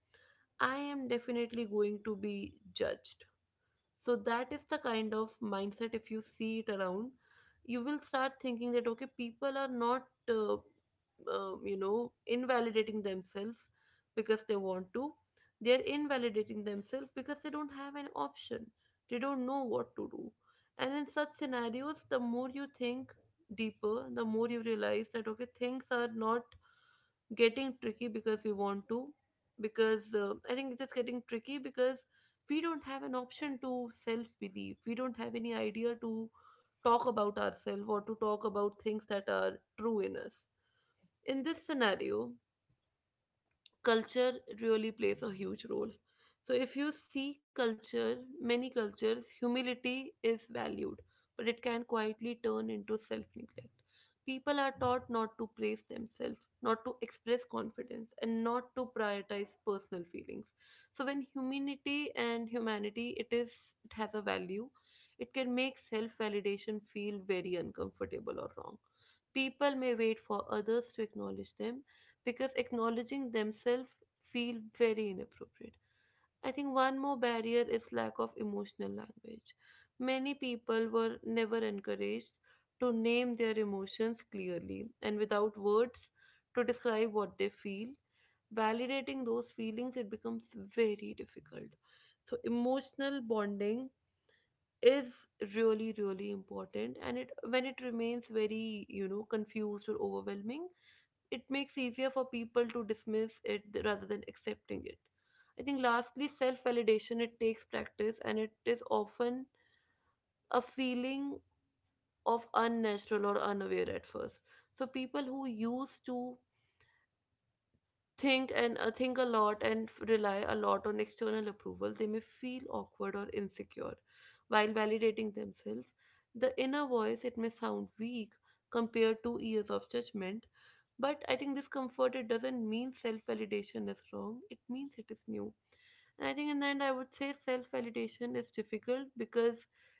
I am definitely going to be judged. So that is the kind of mindset. If you see it around, you will start thinking that, okay, people are not, uh, uh, you know, invalidating themselves because they want to. They are invalidating themselves because they don't have an option. They don't know what to do. And in such scenarios, the more you think deeper, the more you realize that, okay, things are not getting tricky because we want to, because uh, I think it is getting tricky because we don't have an option to self believe. We don't have any idea to talk about ourselves or to talk about things that are true in us. In this scenario, culture really plays a huge role. So, if you see culture, many cultures, humility is valued, but it can quietly turn into self neglect. People are taught not to praise themselves, not to express confidence, and not to prioritize personal feelings. So, when humanity and humanity, it is it has a value. It can make self validation feel very uncomfortable or wrong. People may wait for others to acknowledge them, because acknowledging themselves feel very inappropriate. I think one more barrier is lack of emotional language. Many people were never encouraged to name their emotions clearly, and without words to describe what they feel, validating those feelings it becomes very difficult. So emotional bonding is really, really important, and it when it remains very, you know, confused or overwhelming, it makes easier for people to dismiss it th- rather than accepting it. I think lastly, self validation it takes practice and it is often a feeling of unnatural or unaware at first. So people who used to think and, uh, think a lot and f- rely a lot on external approval, they may feel awkward or insecure. While validating themselves, the inner voice it may sound weak compared to years of judgment. But I think this comfort it doesn't mean self-validation is wrong. It means it is new. And I think in the end, I would say self-validation is difficult because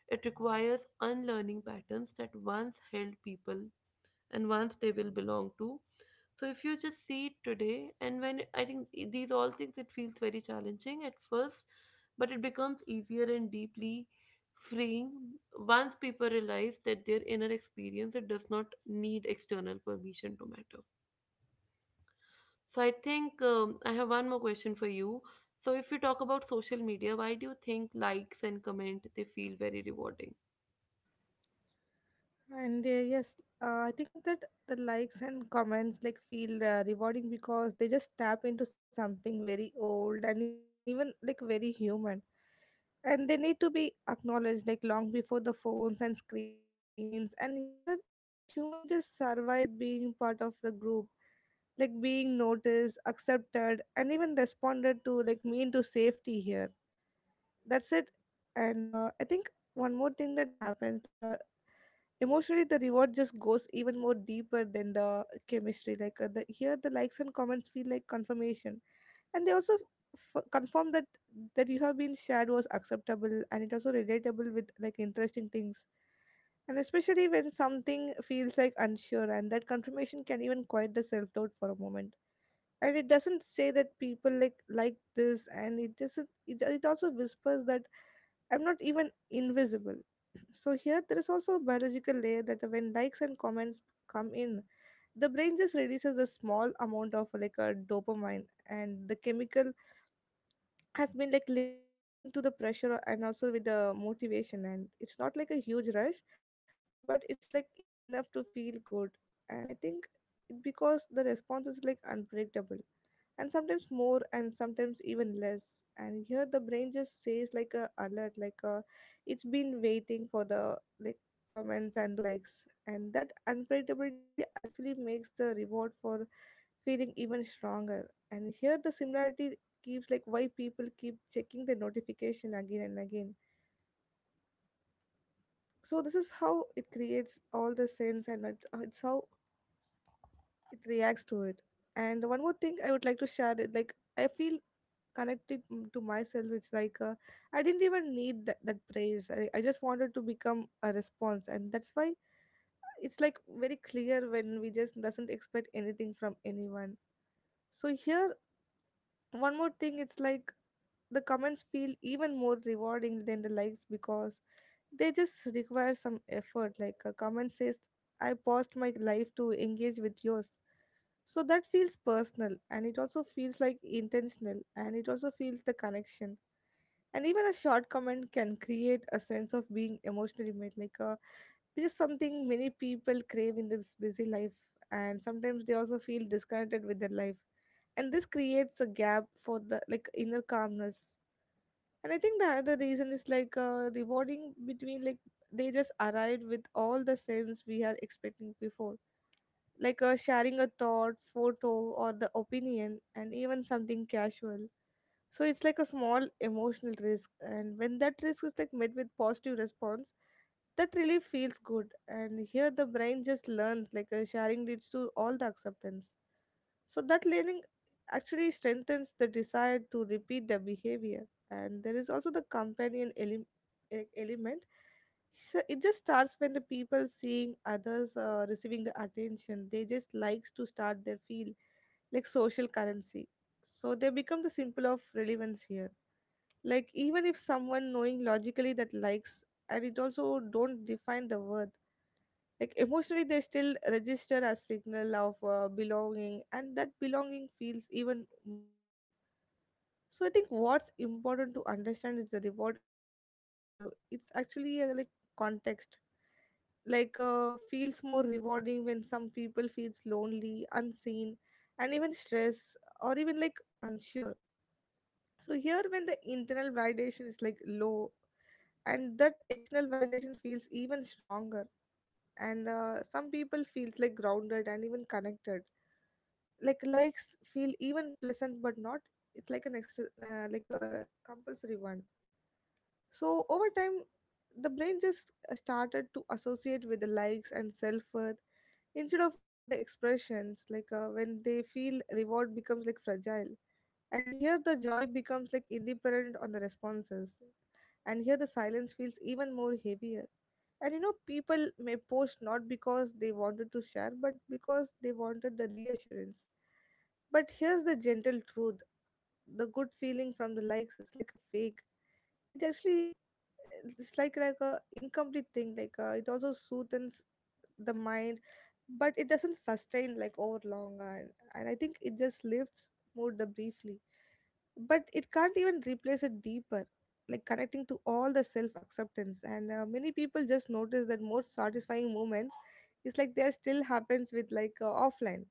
it requires unlearning patterns that once held people and once they will belong to. So if you just see it today, and when I think i- these all things, it feels very challenging at first, but it becomes easier and deeply freeing once people realize that their inner experience it does not need external permission to matter. So I think, um, I have one more question for you. So if you talk about social media, why do you think likes and comment they feel very rewarding?
And uh, yes, uh, I think that the likes and comments like feel uh, rewarding because they just tap into something very old and even like very human. And they need to be acknowledged like long before the phones and screens. And here the human just survived being part of the group, like being noticed, accepted, and even responded to like mean to safety here. That's it. And uh, I think one more thing that happens, the emotionally the reward just goes even more deeper than the chemistry, like uh, the, here the likes and comments feel like confirmation, and they also f- confirm that that you have been shared was acceptable, and it also relatable with like interesting things. And especially when something feels like unsure, and that confirmation can even quiet the self-doubt for a moment. And it doesn't say that people like like this, and it doesn't it, it also whispers that I'm not even invisible. So here there is also a biological layer that when likes and comments come in, the brain just releases a small amount of like a dopamine, and the chemical has been like linked to the pressure and also with the motivation. And it's not like a huge rush, but it's like enough to feel good. And I think it, because the response is like unpredictable, and sometimes more and sometimes even less, and here the brain just says like a alert like a it's been waiting for the like comments and those likes. And that unpredictability actually makes the reward for feeling even stronger. And here the similarity keeps like why people keep checking the notification again and again. So this is how it creates all the sense, and it, uh, it's how it reacts to it. And one more thing I would like to share is like I feel connected, mm, to myself it's like uh, I didn't even need that, that praise. I, I just wanted to become a response. And that's why it's like very clear when we just doesn't expect anything from anyone. So here one more thing it's like the comments feel even more rewarding than the likes because they just require some effort. Like a comment says, I paused my life to engage with yours. So that feels personal, and it also feels like intentional, and it also feels the connection. And even a short comment can create a sense of being emotionally made, like uh, which is something many people crave in this busy life. And sometimes they also feel disconnected with their life, and this creates a gap for the like inner calmness. And I think the another reason is like uh, rewarding between like they just arrived with all the sense we are expecting before, like uh, sharing a thought, photo, or the opinion, and even something casual. So it's like a small emotional risk, and when that risk is like met with positive response, that really feels good. And here the brain just learns, like uh, sharing leads to all the acceptance. So that learning actually strengthens the desire to repeat the behavior. And there is also the companion ele- e- element. So it just starts when the people seeing others uh, receiving the attention, they just likes to start their feel like social currency, so they become the symbol of relevance here. Like even if someone knowing logically that likes and it also don't define the worth, like emotionally they still register as signal of uh, belonging, and that belonging feels even more good. So I think what's important to understand is the reward isn't that shallow. It's actually uh, like context, like uh, feels more rewarding when some people feels lonely, unseen, and even stress, or even like unsure. So here when the internal validation is like low, and that external validation feels even stronger, and uh, some people feels like grounded and even connected, like likes feel even pleasant, but not, it's like an ex- uh, like a compulsory one. So over time, the brain just uh, started to associate with the likes and self-worth instead of all the expressions, like uh, when they feel reward becomes like fragile. And here the joy becomes like independent on the responses. And here the silence feels even more heavier. And you know, people may post not because they wanted to share, but because they wanted the reassurance. But here's the gentle truth: the good feeling from the likes is like a fake. It actually it's like like a incomplete thing. Like uh, it also soothes the mind, but it doesn't sustain like over long. And, and I think it just lifts mood the briefly, but it can't even replace it deeper, like connecting to all the self acceptance. And uh, many people just notice that more satisfying moments is like there still happens with like uh, offline.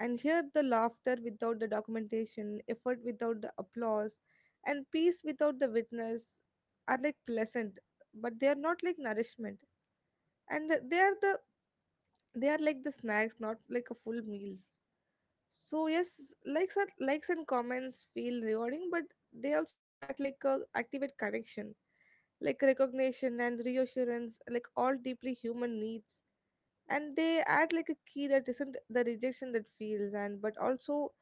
And here the laughter without the documentation, effort without the applause, and peace without the witness are like pleasant, but they are not like nourishment. And they are the they are like the snacks, not like a full meals. So yes, likes are likes and comments feel rewarding, but they also act like a activate connection, like recognition and reassurance, like all deeply human needs. And they add like a key that isn't the rejection that feels, and but also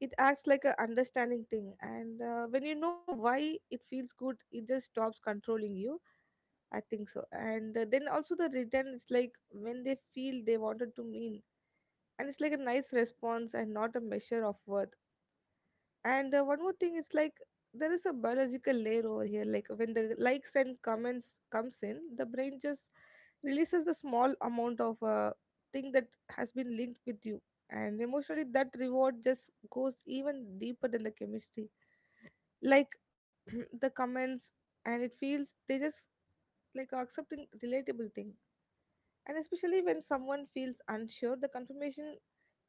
it acts like a understanding thing. And uh, when you know why it feels good, it just stops controlling you, I think so. And uh, then also the return, it's like when they feel they wanted to mean, and it's like a nice response and not a measure of worth. And uh, one more thing is like there is a biological layer over here. Like when the likes and comments comes in, the brain just releases the small amount of uh, thing that has been linked with you, and emotionally that reward just goes even deeper than the chemistry. Like the comments, and it feels they just like accepting relatable thing. And especially when someone feels unsure, the confirmation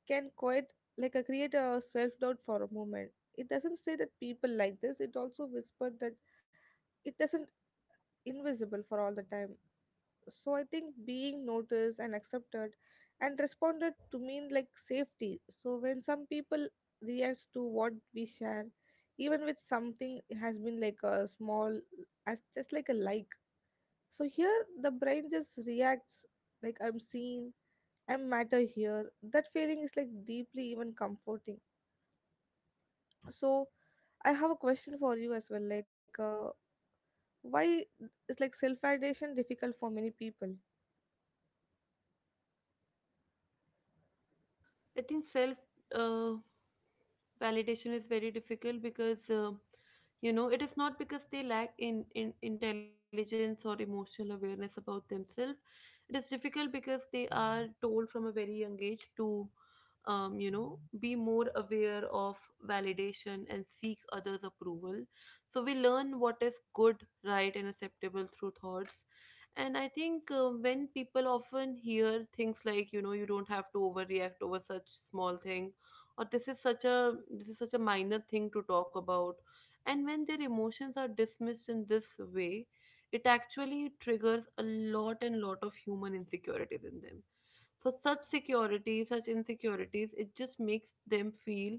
can quite like uh, create a self-doubt for a moment. It doesn't say that people like this, it also whispered that it doesn't invisible for all the time. So I think being noticed and accepted and responded to mean like safety. So when some people reacts to what we share, even with something has been like a small as just like a like, so here the brain just reacts like I'm seen, I matter. Here that feeling is like deeply even comforting. So I have a question for you as well, like uh, why is like self-validation difficult for many people?
I think self, uh, validation is very difficult because, uh, you know, it is not because they lack in, in intelligence or emotional awareness about themselves. It is difficult because they are told from a very young age to, um, you know, be more aware of validation and seek others' approval. So we learn what is good, right, and acceptable through thoughts. And I think uh, when people often hear things like, you know, you don't have to overreact over such small thing, or this is such a this is such a minor thing to talk about, and when their emotions are dismissed in this way, it actually triggers a lot and lot of human insecurities in them. So such security, such insecurities it just makes them feel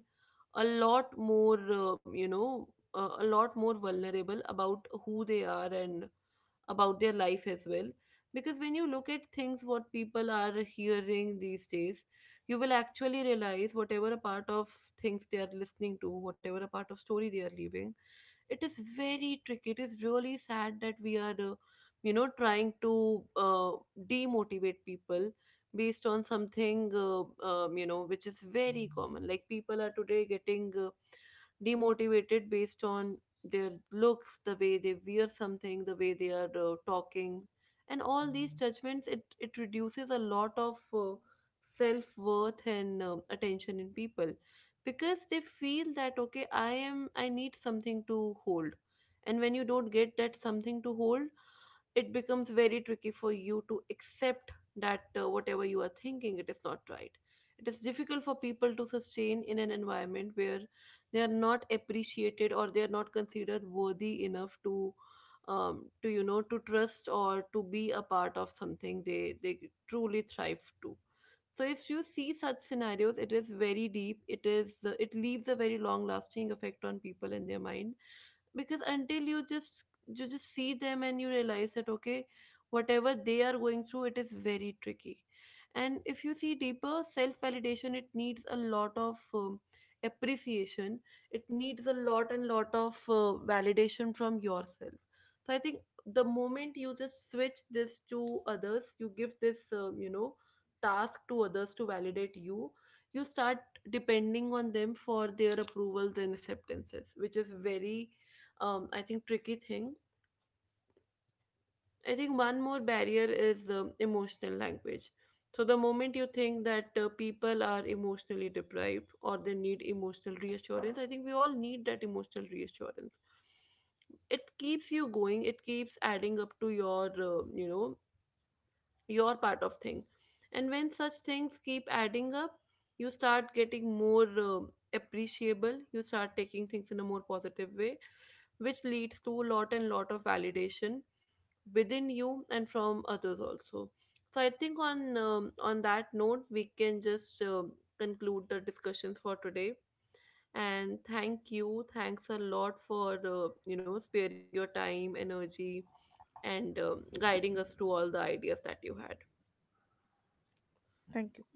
a lot more, um, you know uh, a lot more vulnerable about who they are and about their life as well. Because when you look at things what people are hearing these days, you will actually realize whatever a part of things they are listening to, whatever a part of story they are leaving, it is very tricky. It is really sad that we are, uh, you know trying to, uh, demotivate people based on something uh, um, you know which is very common. Like, people are today getting, uh, demotivated based on their looks, the way they wear something, the way they are, uh, talking. And all these judgments, it it reduces a lot of uh, self worth and um attention in people, because they feel that, okay, i am i need something to hold. And when you don't get that something to hold, it becomes very tricky for you to accept that, uh, whatever you are thinking it is not right. It is difficult for people to sustain in an environment where they are not appreciated or they are not considered worthy enough to, um, to, you know, to trust or to be a part of something they they truly thrive to. So if you see such scenarios, it is very deep. It is, uh, it leaves a very long lasting effect on people and their mind, because until you just you just see them and you realize that, okay, whatever they are going through it is very tricky. And if you see deeper, self validation it needs a lot of, um, appreciation. It needs a lot and lot of uh, validation from yourself. So I think the moment you just switch this to others, you give this, um, you know task to others to validate you, you start depending on them for their approvals and acceptances, which is very, um, I think, tricky thing. I think one more barrier is, um, emotional language. So, the moment you think that uh, people are emotionally deprived or they need emotional reassurance, I think we all need that emotional reassurance. It keeps you going, it keeps adding up to your, uh, you know, your part of thing. And when such things keep adding up, you start getting more, uh, appreciable. You start taking things in a more positive way, which leads to a lot and lot of validation within you and from others also. So I think on, um, on that note, we can just, um, conclude the discussions for today. And thank you, thanks a lot for, uh, you know sparing your time, energy, and, um, guiding us through all the ideas that you had.
Thank you.